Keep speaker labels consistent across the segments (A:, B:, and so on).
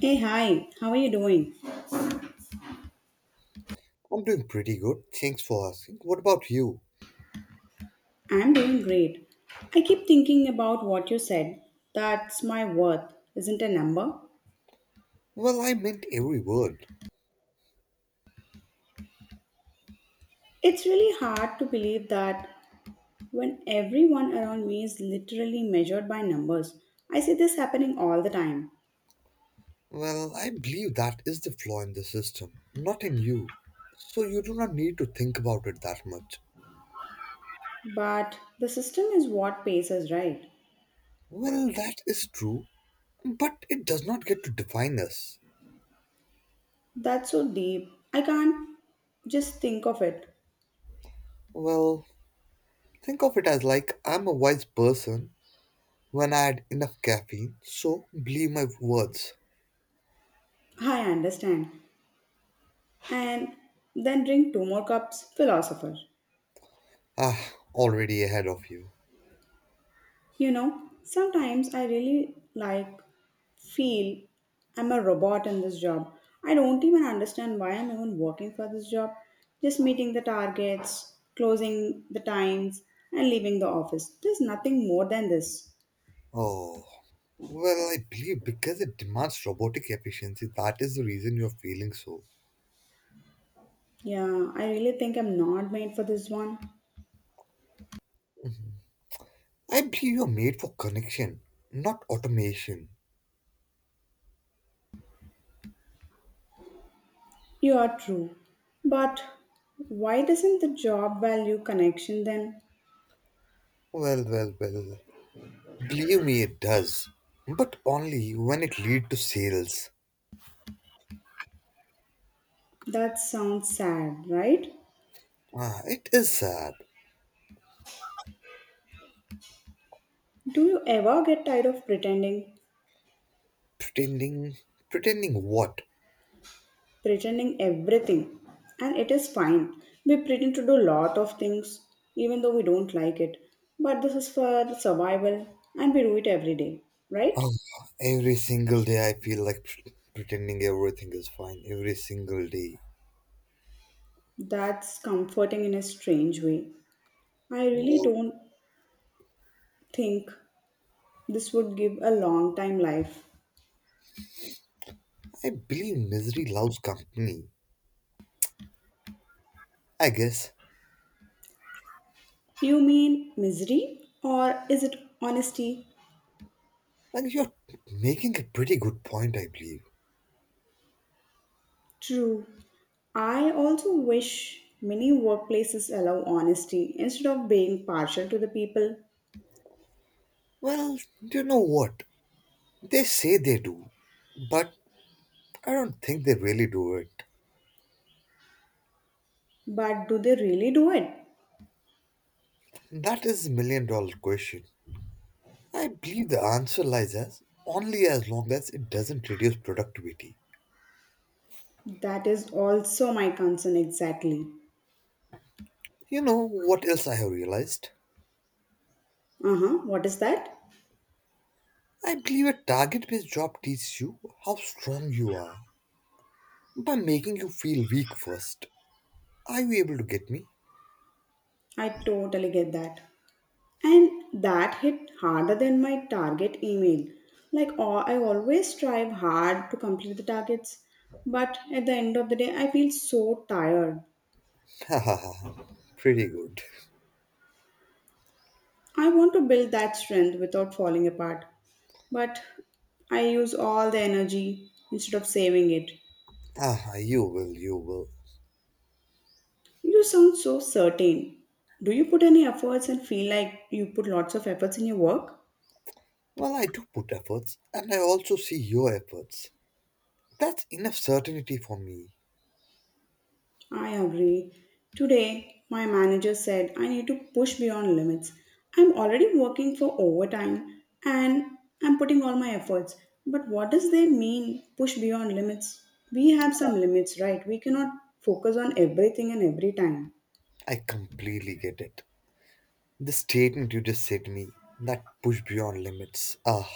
A: Hey, hi, how are you doing?
B: I'm doing pretty good. Thanks for asking. What about you?
A: I'm doing great. I keep thinking about what you said. That's my worth, isn't a number?
B: Well, I meant every word.
A: It's really hard to believe that when everyone around me is literally measured by numbers. I see this happening all the time.
B: Well, I believe that is the flaw in the system, not in you. So you do not need to think about it that much.
A: But the system is what pays us, right?
B: Well, that is true, but it does not get to define us.
A: That's so deep. I can't just think of it.
B: Well, think of it as like I'm a wise person when I had enough caffeine, so believe my words.
A: I understand. And then drink two more cups, philosopher.
B: Ah, already ahead of you.
A: Sometimes I really like feel I'm a robot in this job. I don't even understand why I'm even working for this job. Just meeting the targets, closing the times, and leaving the office. There's nothing more than this.
B: Oh. Well, I believe because it demands robotic efficiency, that is the reason you're feeling so.
A: Yeah, I really think I'm not made for this one.
B: I believe you're made for connection, not automation.
A: You are true. But why doesn't the job value connection then?
B: Well, well, well. Believe me, it does. But only when it leads to sales.
A: That sounds sad, right?
B: Ah, it is sad.
A: Do you ever get tired of pretending?
B: Pretending. Pretending what?
A: Pretending everything, and it is fine. We pretend to do lot of things, even though we don't like it, but this is for the survival, and we do it every day, right?
B: Oh, every single day I feel like pretending everything is fine. Every single day.
A: That's comforting in a strange way. I really
B: Well,
A: don't think this would give a long time life.
B: I believe misery loves company. I guess.
A: You mean misery, or is it honesty?
B: And you're making a pretty good point, I believe.
A: True. I also wish many workplaces allow honesty instead of being partial to the people.
B: Well, you know what? They say they do, but I don't think they really do it.
A: But do they really do it?
B: That is a million dollar question. I believe the answer lies as only as long as it doesn't reduce productivity.
A: That is also my concern exactly.
B: You know what else I have realized?
A: Uh huh, what is that?
B: I believe a target based job teaches you how strong you are by making you feel weak first. Are you able to get me?
A: I totally get that. And that hit harder than my target email. Like, I always strive hard to complete the targets, but at the end of the day, I feel so tired.
B: Ha ha ha. Pretty good.
A: I want to build that strength without falling apart, but I use all the energy instead of saving it.
B: Ah, you will, you will.
A: You sound so certain. Do you put any efforts and feel like you put lots of efforts in your work?
B: Well, I do put efforts, and I also see your efforts. That's enough certainty for me.
A: I agree. Today, my manager said I need to push beyond limits. I'm already working for overtime and I'm putting all my efforts. But what does they mean, push beyond limits? We have some limits, right? We cannot focus on everything and every time.
B: I completely get it. The statement you just said to me, that push beyond limits, ah,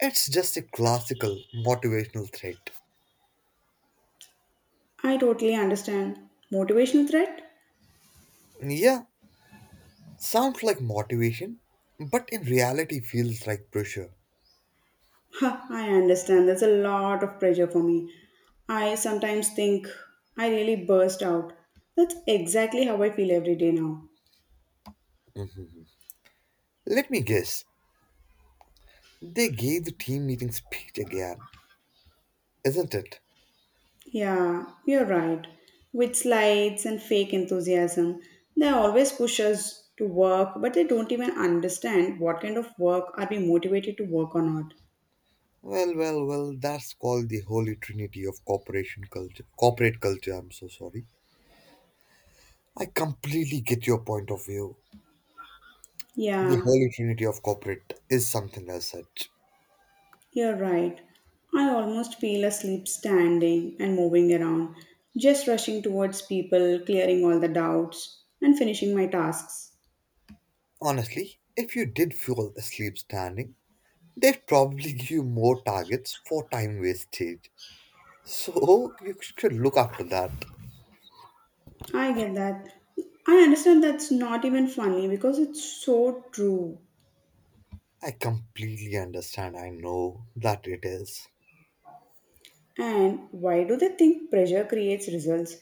B: it's just a classical motivational threat.
A: I totally understand. Motivational threat?
B: Yeah, sounds like motivation, but in reality feels like pressure.
A: Huh, I understand. That's a lot of pressure for me. I sometimes think I really burst out. That's exactly how I feel every day now.
B: Mhm. Let me guess, they gave the team meeting speech again, isn't it?
A: Yeah, you're right. With slides and fake enthusiasm, they always push us to work, but they don't even understand what kind of work are we motivated to work or not.
B: Well, well, well, that's called the holy trinity of corporation culture. Corporate culture, I'm so sorry. I completely get your point of view. The
A: Yeah,
B: holy trinity of corporate is something as such.
A: you're right. I almost feel asleep standing and moving around, just rushing towards people, clearing all the doubts, and finishing my tasks.
B: Honestly, if you did fall asleep standing, they'd probably give you more targets for time wastage. So you should look after that.
A: I get that. I understand that's not even funny because it's so true.
B: I completely understand. I know that it is.
A: And why do they think pressure creates results?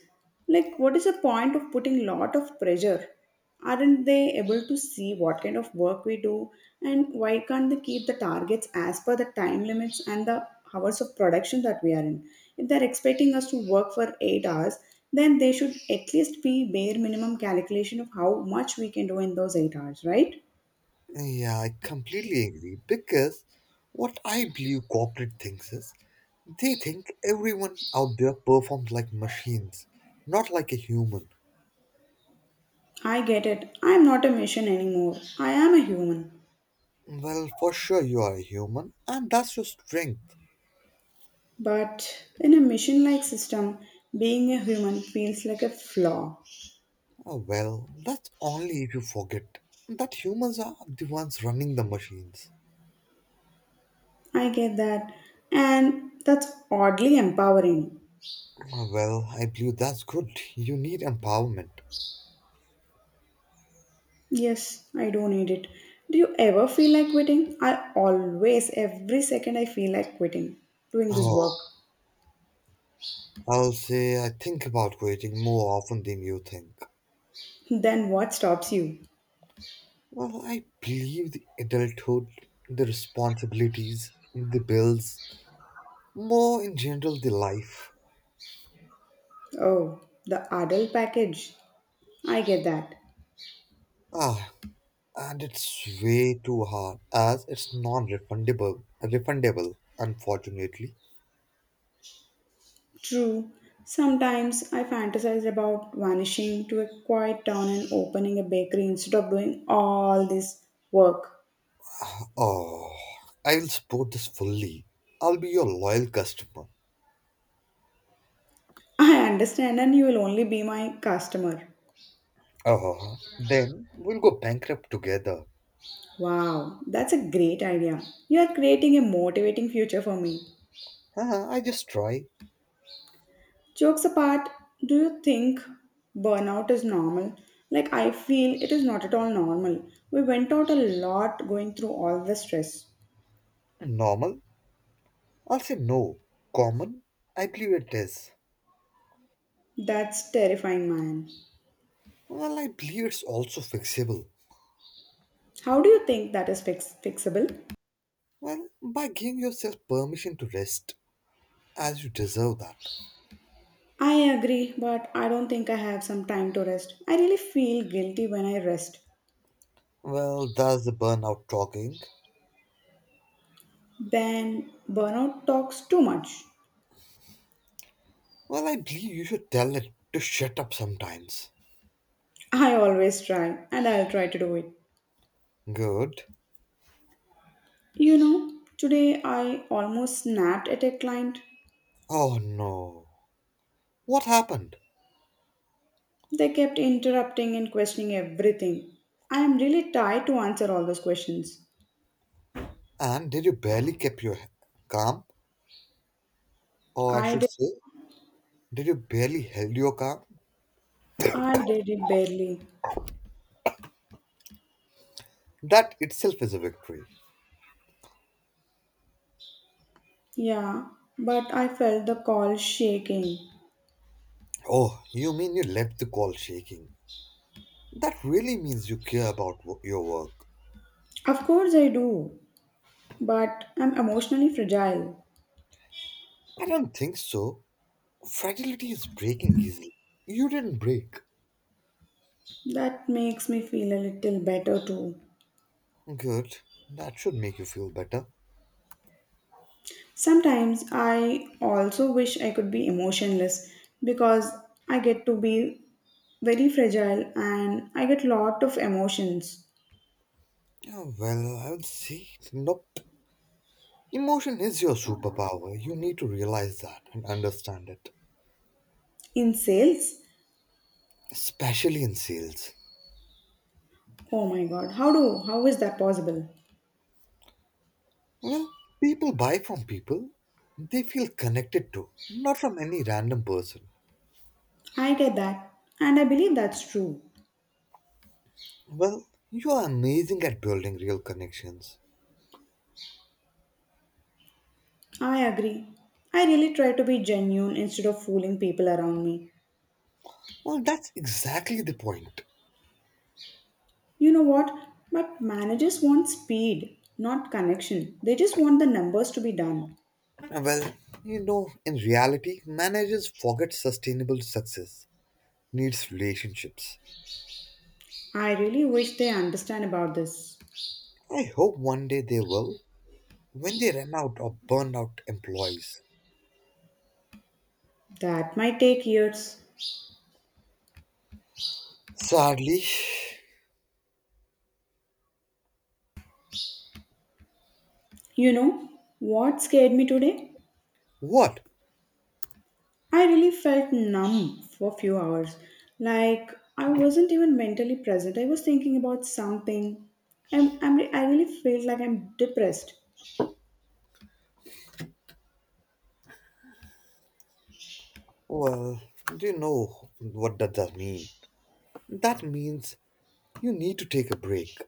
A: Like, what is the point of putting lot of pressure? Aren't they able to see what kind of work we do? And why can't they keep the targets as per the time limits and the hours of production that we are in? If they're expecting us to work for 8 hours, then they should at least be bare minimum calculation of how much we can do in those 8 hours, right?
B: Yeah, I completely agree because what I believe corporate thinks is, they think everyone out there performs like machines, not like a human.
A: I get it. I'm not a machine anymore. I am a human.
B: Well, for sure you are a human, and that's your strength.
A: But in a machine like system, being a human feels like a flaw.
B: Ah, well, that's only if you forget that humans are the ones running the machines.
A: I get that. And that's oddly empowering.
B: Ah, well, I believe that's good. You need empowerment.
A: Yes, I do need it. Do you ever feel like quitting? I always, every second, I feel like quitting doing this
B: Oh,
A: work.
B: I'll say I think about waiting more often than you think.
A: Then what stops you?
B: Well, I believe the adulthood, the responsibilities, the bills, more in general, the life.
A: Oh, the adult package. I get that.
B: Ah, and it's way too hard as it's non-refundable refundable unfortunately.
A: True. Sometimes I fantasize about vanishing to a quiet town and opening a bakery instead of doing all this work.
B: Oh, I will support this fully. I'll be your loyal customer.
A: I understand, and you will only be my customer.
B: Oh, then we'll go bankrupt together.
A: Wow, that's a great idea. You are creating a motivating future for me.
B: Huh, I just try.
A: Jokes apart, do you think burnout is normal? Like, I feel it is not at all normal. We went out a lot going through all the stress.
B: Normal, I'll say no. Common, I believe it is.
A: That's terrifying, man.
B: Well, I believe it's also fixable.
A: How do you think that is fixable?
B: Well, by giving yourself permission to rest, as you deserve that.
A: I agree, but I don't think I have some time to rest. I really feel guilty when I rest.
B: Well, that's the burnout talking.
A: Ben, burnout talks too much.
B: Well, I believe you should tell it to shut up sometimes.
A: I always try, and I'll try to do it.
B: Good.
A: You know, today I almost snapped at a client.
B: Oh no. What happened?
A: They kept interrupting and questioning everything. I am really tired to answer all those questions.
B: And did you barely keep your calm? Or I
A: I
B: should
A: did,
B: say, did you barely held your calm?
A: I did it barely.
B: That itself is a victory.
A: Yeah, but I felt the call shaking.
B: Oh, you mean you left the call shaking? That really means you care about your work.
A: Of course I do, but I'm emotionally fragile.
B: I don't think so. Fragility is breaking easily. You didn't break.
A: That makes me feel a little better too.
B: Good. That should make you feel better.
A: Sometimes I also wish I could be emotionless because I get to be very fragile and I get lot of emotions
B: Oh, well, I'll see. Nope. Emotion is your superpower. You need to realize that and understand it,
A: in sales.
B: especially in sales.
A: Oh my god, how is that possible?
B: Well, people buy from people they feel connected to, not from any random person.
A: I get that and I believe that's true.
B: Well, you are amazing at building real connections.
A: I agree. I really try to be genuine instead of fooling people around me.
B: Well, that's exactly the point.
A: You know what? But managers want speed, not connection. They just want the numbers to be done.
B: Well, in reality, managers forget sustainable success needs relationships.
A: I really wish they understand about this.
B: I hope one day they will when they run out or burn out employees.
A: That might take years.
B: Sadly.
A: You know what scared me today?
B: What?
A: I really felt numb for a few hours. Like I wasn't even mentally present. I was thinking about something. I really felt like I'm depressed.
B: Well, do you know what that does mean? That means you need to take a break.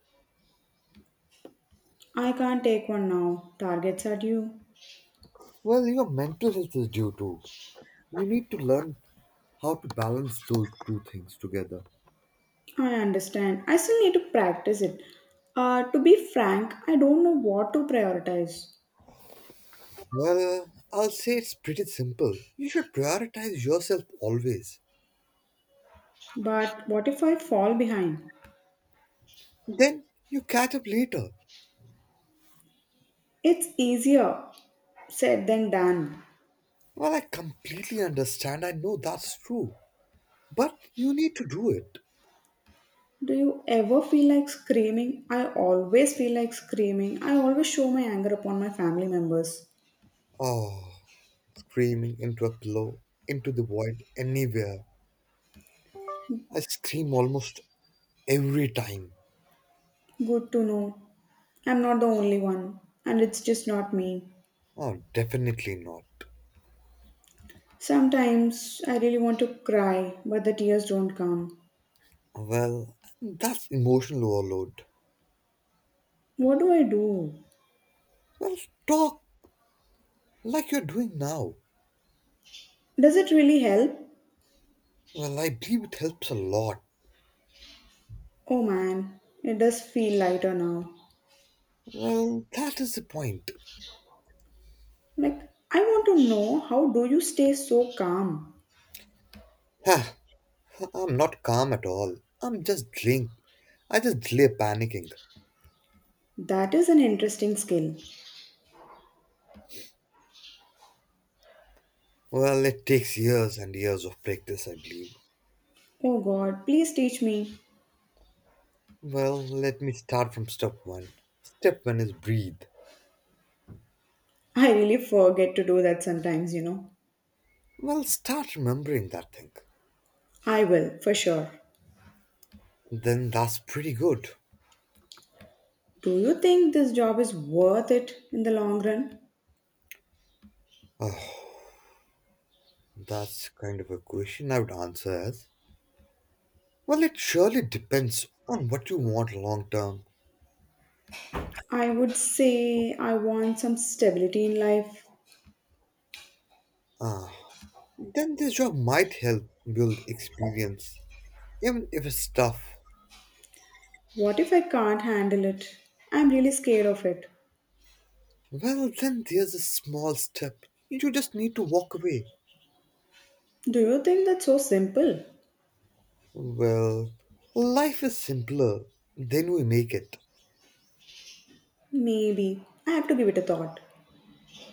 A: I can't take one now. Targets are due.
B: Well, your mental health is due to. You need to learn how to balance those two things together.
A: I understand. I still need to practice it. To be frank, I don't know what to prioritize.
B: Well, I'll say it's pretty simple. You should prioritize yourself always.
A: But what if I fall behind?
B: Then you catch up later.
A: It's easier said than done.
B: Well, I completely understand. I know that's true. But you need to do it.
A: Do you ever feel like screaming? I always feel like screaming. I always show my anger upon my family members.
B: Oh, screaming into a pillow, into the void, anywhere. I scream almost every time.
A: Good to know. I'm not the only one, and it's just not me.
B: Oh, definitely not.
A: Sometimes I really want to cry, but the tears don't come.
B: Well, that's emotional overload.
A: What do I do?
B: Well, talk like you're doing now.
A: Does it really help?
B: Well, I believe it helps a lot.
A: Oh man, it does feel lighter now.
B: Well, that is the point.
A: Like, I want to know how do you stay so calm?
B: Ha, I'm not calm at all. I'm just drink. I just delay panicking.
A: That is an interesting skill.
B: Well, it takes years and years of practice, I believe.
A: Oh God, please teach me.
B: Well, let me start from step one. Step one is breathe.
A: I really forget to do that sometimes.
B: Well, start remembering that thing.
A: I will, for sure.
B: Then that's pretty good.
A: Do you think this job is worth it in the long run?
B: That's kind of a question I would answer as, well, it surely depends on what you want long term.
A: I would say I want some stability in life.
B: Ah, then this job might help build experience, even if it's tough.
A: What if I can't handle it? I'm really scared of it.
B: Well, then there's a small step. You just need to walk away.
A: Do you think that's so simple?
B: Well, life is simpler than we make it.
A: Maybe. I have to give it a thought.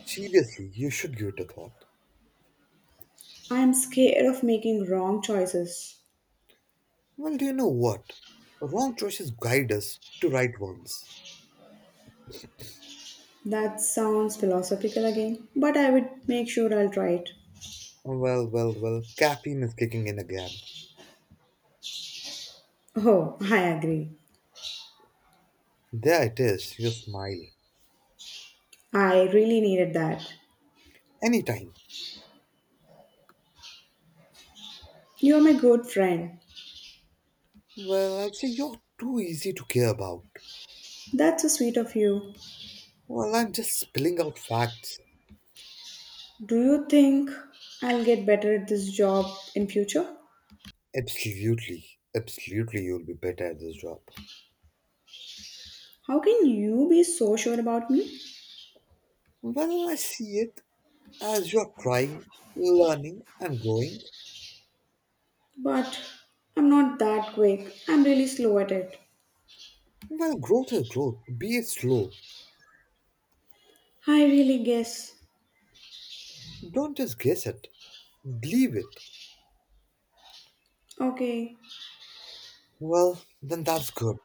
B: Seriously, you should give it a thought.
A: I'm scared of making wrong choices.
B: Well, do you know what? Wrong choices guide us to right ones.
A: That sounds philosophical again, but I would make sure I'll try it.
B: Well, well, well, caffeine is kicking in again.
A: Oh, I agree.
B: There it is, your smile.
A: I really needed that.
B: Anytime.
A: You are my good friend.
B: Well, I'd say you're too easy to care about.
A: That's so sweet of you.
B: Well, I'm just spilling out facts.
A: Do you think I'll get better at this job in future?
B: Absolutely, absolutely, you'll be better at this job.
A: How can you be so sure about me?
B: Well, I see it as you're trying, learning, and growing.
A: But I'm not that quick. I'm really slow at it.
B: Well, growth is growth, be it slow.
A: I really guess.
B: Don't just guess it, believe it.
A: Okay.
B: Well, then that's good.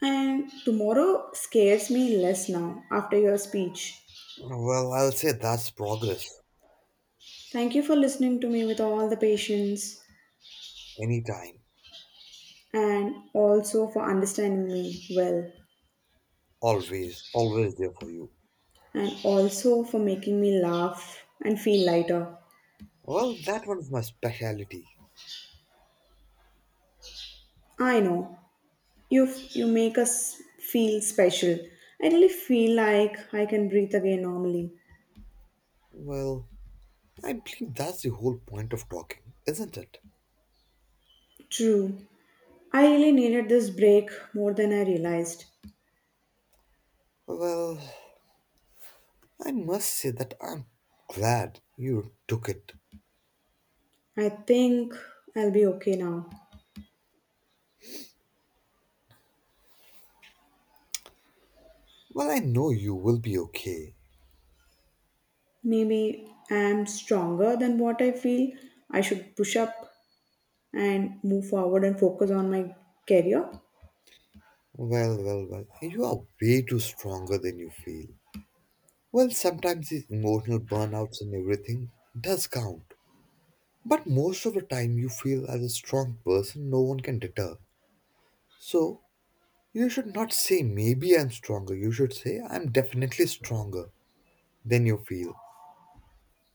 A: And tomorrow scares me less now after your speech.
B: Well, I'll say that's progress.
A: Thank you for listening to me with all the patience,
B: Anytime,
A: and also for understanding me well.
B: always, always there for you.
A: And also for making me laugh and feel lighter.
B: Well, that one's my specialty.
A: I know you make us feel special. I really feel like I can breathe again normally.
B: Well, I believe that's the whole point of talking, isn't it?
A: True. I really needed this break more than I realized.
B: Well, I must say that I'm glad you took it.
A: I think I'll be okay now.
B: Well, I know you will be okay.
A: Maybe I'm stronger than what I feel. I should push up and move forward and focus on my career.
B: Well, well, well, you are way too stronger than you feel. Well, sometimes these emotional burnouts and everything does count. But most of the time, you feel as a strong person, no one can deter. So, you should not say, maybe I'm stronger. You should say, I'm definitely stronger than you feel.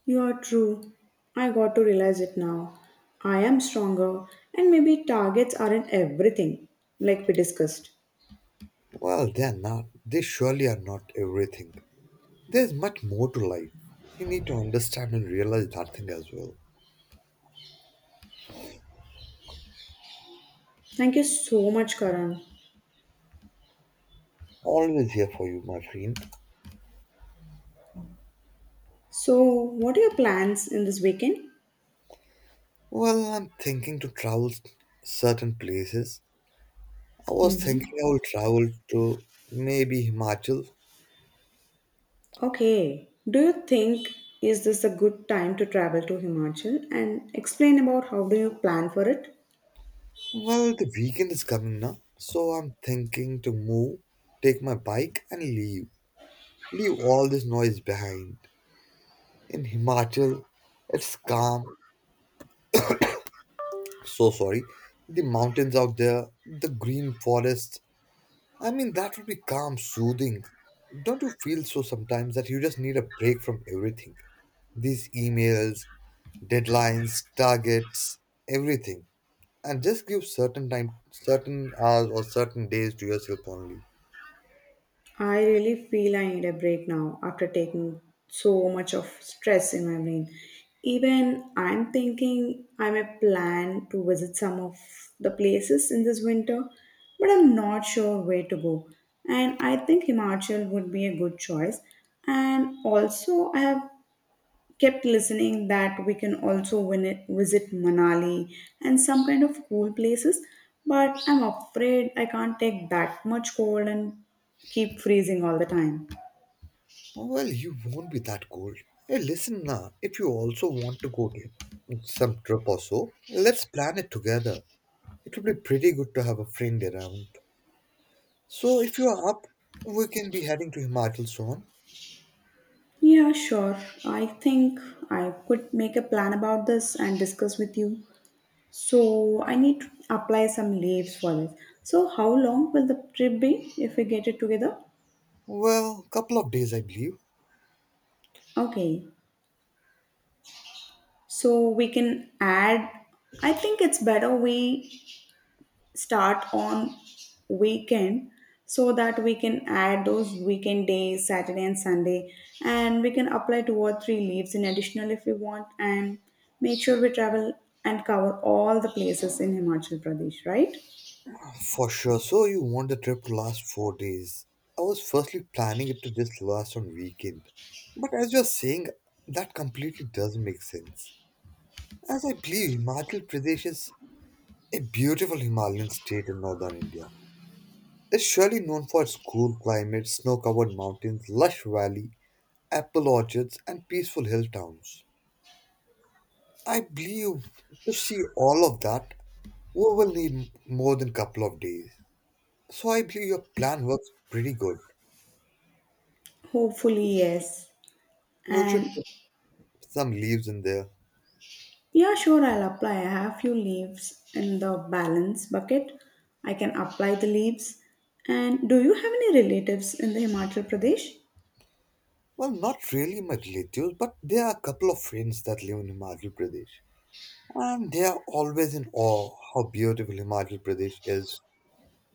A: You are true. I got to realize it now. I am stronger, and maybe targets aren't everything, like we discussed.
B: Well, they're not. They surely are not everything. There's much more to life. You need to understand and realize that thing as well.
A: Thank you so much, Karan.
B: Always here for you, my friend.
A: So, what are your plans in this weekend?
B: Well, I'm thinking to travel certain places. I was
A: Hmm.
B: thinking I will travel to maybe Himachal.
A: Okay. Do you think is this a good time to travel to Himachal, and explain about how do you plan for it?
B: Well, the weekend is coming now, so I'm thinking to move, take my bike, and leave. Leave all this noise behind. In Himachal, it's calm, so sorry, the mountains out there, the green forest, I mean, that would be calm, soothing. Don't you feel so sometimes that you just need a break from everything? These emails, deadlines, targets, everything, and just give certain time, certain hours, or certain days to yourself only.
A: I really feel I need a break now after taking so much of stress in my brain. Even I'm thinking I may plan to visit some of the places in this winter, but I'm not sure where to go. And I think Himachal would be a good choice. And also, I have kept listening that we can also win it, visit Manali and some kind of cool places. But I'm afraid I can't take that much cold and keep freezing all the time.
B: Well, you won't be that cold. Hey, listen, now if you also want to go to some trip or so, let's plan it together. It would be pretty good to have a friend around. So if you are up, we can be heading to Himachal soon.
A: Yeah, sure. I think I could make a plan about this and discuss with you. So I need to apply some leaves for this. So how long will the trip be if we get it together?
B: Well, couple of days I believe.
A: Okay. So we can add, I think it's better we start on weekend, so that we can add those weekend days Saturday and Sunday, and we can apply two or three leaves in additional if we want, and make sure we travel and cover all the places in Himachal Pradesh, right?
B: Ah, for sure. So you want the trip to last 4 days. I was firstly planning it to just last on weekend. But as you're saying, that completely does make sense. As I believe Himachal Pradesh is a beautiful Himalayan state in northern India. It's surely known for its cool climate, snow-covered mountains, lush valley, apple orchards, and peaceful hill towns. I believe to see all of that, we will need more than a couple of days. So I believe your plan works pretty good.
A: Hopefully yes.
B: We should
A: And
B: put some leaves in there.
A: yeah, sure, I'll apply. I have few leaves in the balance bucket. I can apply the leaves. And do you have any relatives in the Himachal Pradesh?
B: Well, not really my relatives, but there are a couple of friends that live in Himachal Pradesh. And they are always in awe how beautiful Himachal Pradesh is.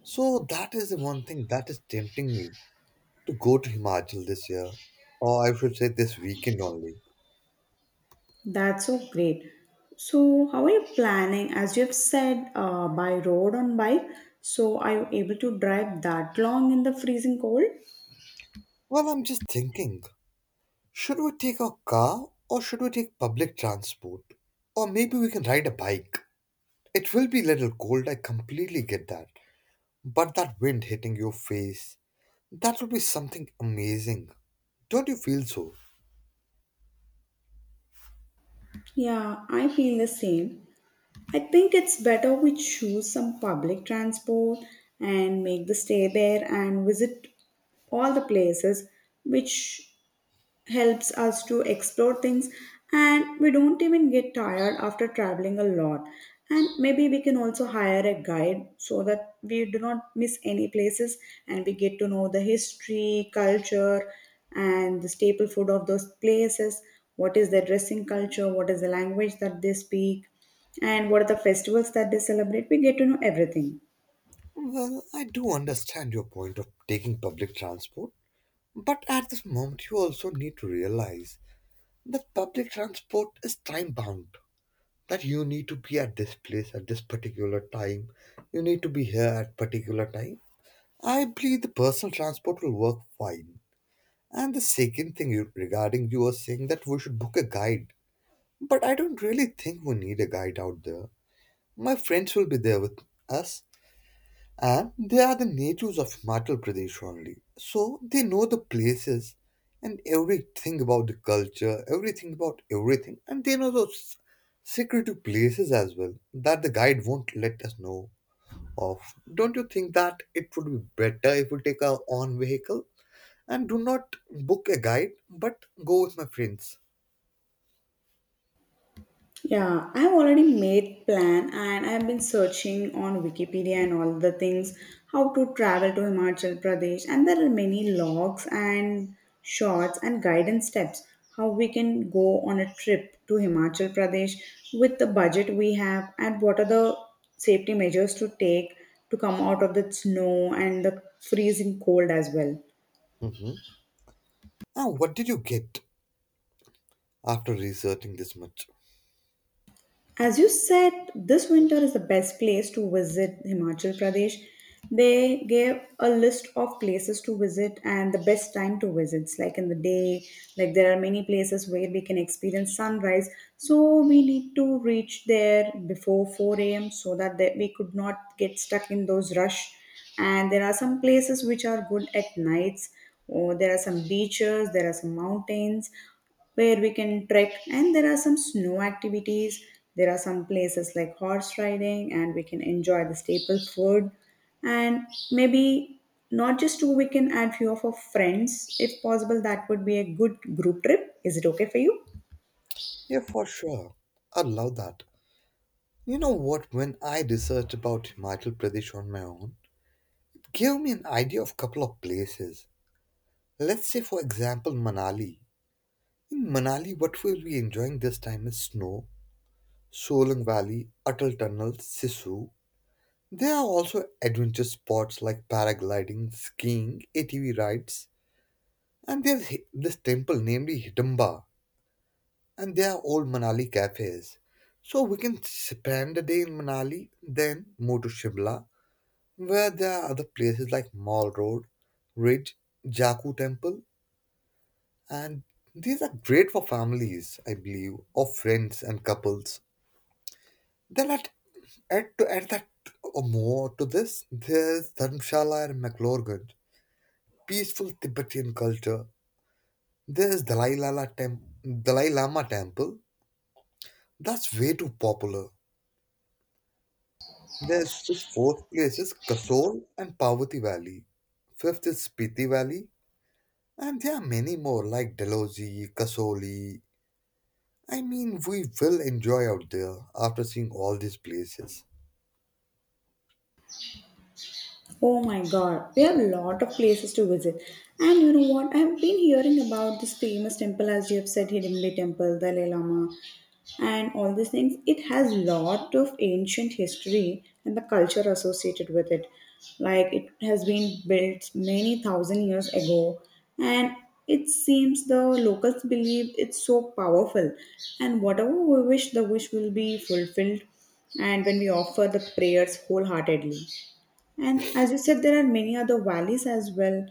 B: So that is the one thing that is tempting me to go to Himachal this year. Or I should say this weekend only.
A: That's so great. So, how are you planning? As you've said, by road on bike. So, are you able to drive that long in the freezing cold?
B: Well, I'm just thinking, should we take a car or should we take public transport? Or maybe we can ride a bike. It will be a little cold, I completely get that. But that wind hitting your face, that would be something amazing. Don't you feel so?
A: Yeah, I feel the same. I think it's better we choose some public transport and make the stay there and visit all the places which helps us to explore things, and we don't even get tired after traveling a lot. And maybe we can also hire a guide so that we do not miss any places, and we get to know the history, culture and the staple food of those places, what is their dressing culture, what is the language that they speak, and what are the festivals that they celebrate. We get to know everything.
B: Well, I do understand your point of taking public transport, but at this moment you also need to realize that public transport is time bound. That you need to be at this place at this particular time. You need to be here at particular time. I believe the personal transport will work fine. And the second thing you, regarding you are saying that we should book a guide, but I don't really think we need a guide out there. My friends will be there with us, and they are the natives of Himachal Pradesh only. So they know the places and everything about the culture, everything about everything, and they know those secretive places as well that the guide won't let us know of. Don't you think that it would be better if we take our own vehicle and do not book a guide but go with my friends?
A: Yeah, I've already made plan and I've been searching on Wikipedia and all the things, how to travel to Himachal Pradesh, and there are many logs and shots and guidance steps how we can go on a trip to Himachal Pradesh with the budget we have, and what are the safety measures to take to come out of the snow and the freezing cold as well.
B: Hmm. And what did you get after researching this much?
A: As you said, this winter is the best place to visit Himachal Pradesh. They gave a list of places to visit and the best time to visit. It's like in the day, like there are many places where we can experience sunrise. So we need to reach there before 4 a.m. so that they, we could not get stuck in those rush. And there are some places which are good at nights. Oh, there are some beaches, there are some mountains where we can trek, and there are some snow activities, there are some places like horse riding, and we can enjoy the staple food. And maybe not just two, we can add few of our friends if possible. That would be a good group trip. Is it okay for you?
B: Yeah, for sure. I love that. You know what? When I researched about Himachal Pradesh on my own, it gave me an idea of couple of places. Let's say, for example, Manali. In Manali, what we'll be enjoying this time is snow, Solang Valley, Atal Tunnel, Sisu. There are also adventure spots like paragliding, skiing, ATV rides, and there's this temple named Hidamba, and they are all Manali cafes. So we can spend a day in Manali, then move to Shimla, where there are other places like Mall Road, Ridge, Jaku Temple, and these are great for families, I believe, or friends and couples. Then at add to add that, or more to this, there's Dharamshala and McLaurganj, peaceful Tibetan culture. There's Dalai Lama, Dalai Lama temple. That's way too popular. This fourth place is Kasol and Pavati Valley. Fifth is Spiti Valley. And there are many more like Dalhousie, Kasoli. I mean, we will enjoy out there after seeing all these places.
A: Oh my god, we have a lot of places to visit. And you know what? I've been hearing about this famous temple, as you have said, Hidimli Temple, Dalai Lama, and all these things. It has lot of ancient history and the culture associated with it, like it has been built many thousand years ago. And it seems the locals believe it's so powerful, and whatever we wish, the wish will be fulfilled, and when we offer the prayers wholeheartedly. And as you said, there are many other valleys as well,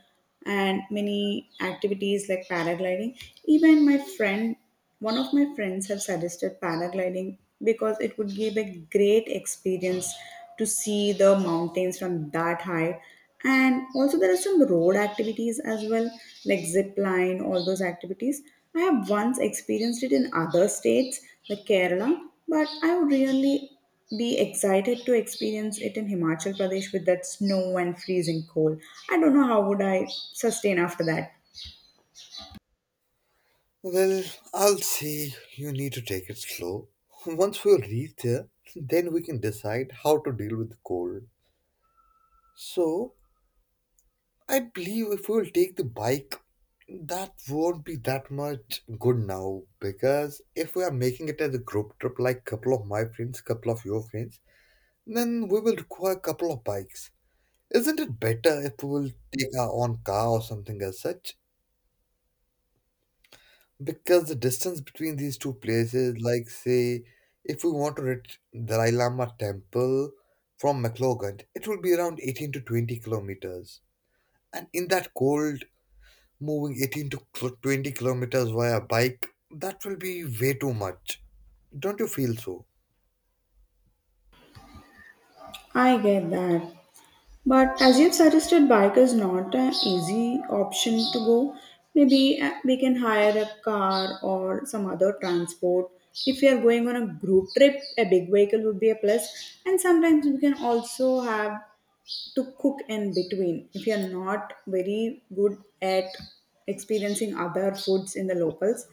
A: and many activities like paragliding. Even my friend, one of my friends, have suggested paragliding because it would give a great experience to see the mountains from that high. And also, there are some road activities as well, like zip line, all those activities. I have once experienced it in other states like Kerala, but I would really be excited to experience it in Himachal Pradesh with that snow and freezing cold. I don't know how would I sustain after that.
B: Well, I'll say you need to take it slow. Once we reach there, then we can decide how to deal with the cold. So, I believe if we'll take the bike, that won't be that much good now because if we are making it as a group trip, like couple of my friends, couple of your friends, then we will require couple of bikes. Isn't it better if we will take our own car or something as such? Because the distance between these two places, like say, if we want to reach Dalai Lama temple from McLogan, it will be around 18 to 20 kilometers. And in that cold, moving 18 to 20 kilometers via bike, that will be way too much. Don't you feel so?
A: I get that. But as you've suggested, bike is not an easy option to go. Maybe we can hire a car or some other transport. If we are going on a group trip, a big vehicle would be a plus. And sometimes we can also have to cook in between if you're not very good at experiencing other foods in the locals,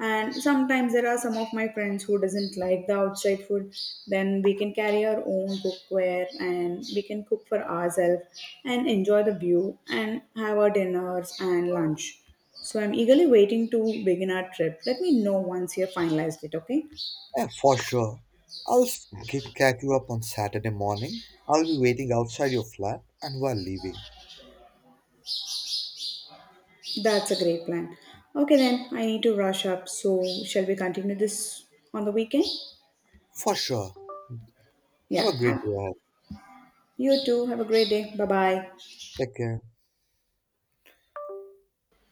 A: and sometimes there are some of my friends who doesn't like the outside food, then we can carry our own cookware and we can cook for ourselves and enjoy the view and have our dinners and lunch. So I'm eagerly waiting to begin our trip. Let me know once you've finalized it, okay?
B: Yeah, for sure. I'll catch you up on Saturday morning. I'll be waiting outside your flat and we're leaving.
A: That's a great plan. Okay, then I need to rush up. So, shall we continue this on the weekend?
B: For sure.
A: Yeah.
B: Have a great
A: Have,
B: day ahead.
A: you too. Have a great day. Bye bye.
B: Take care.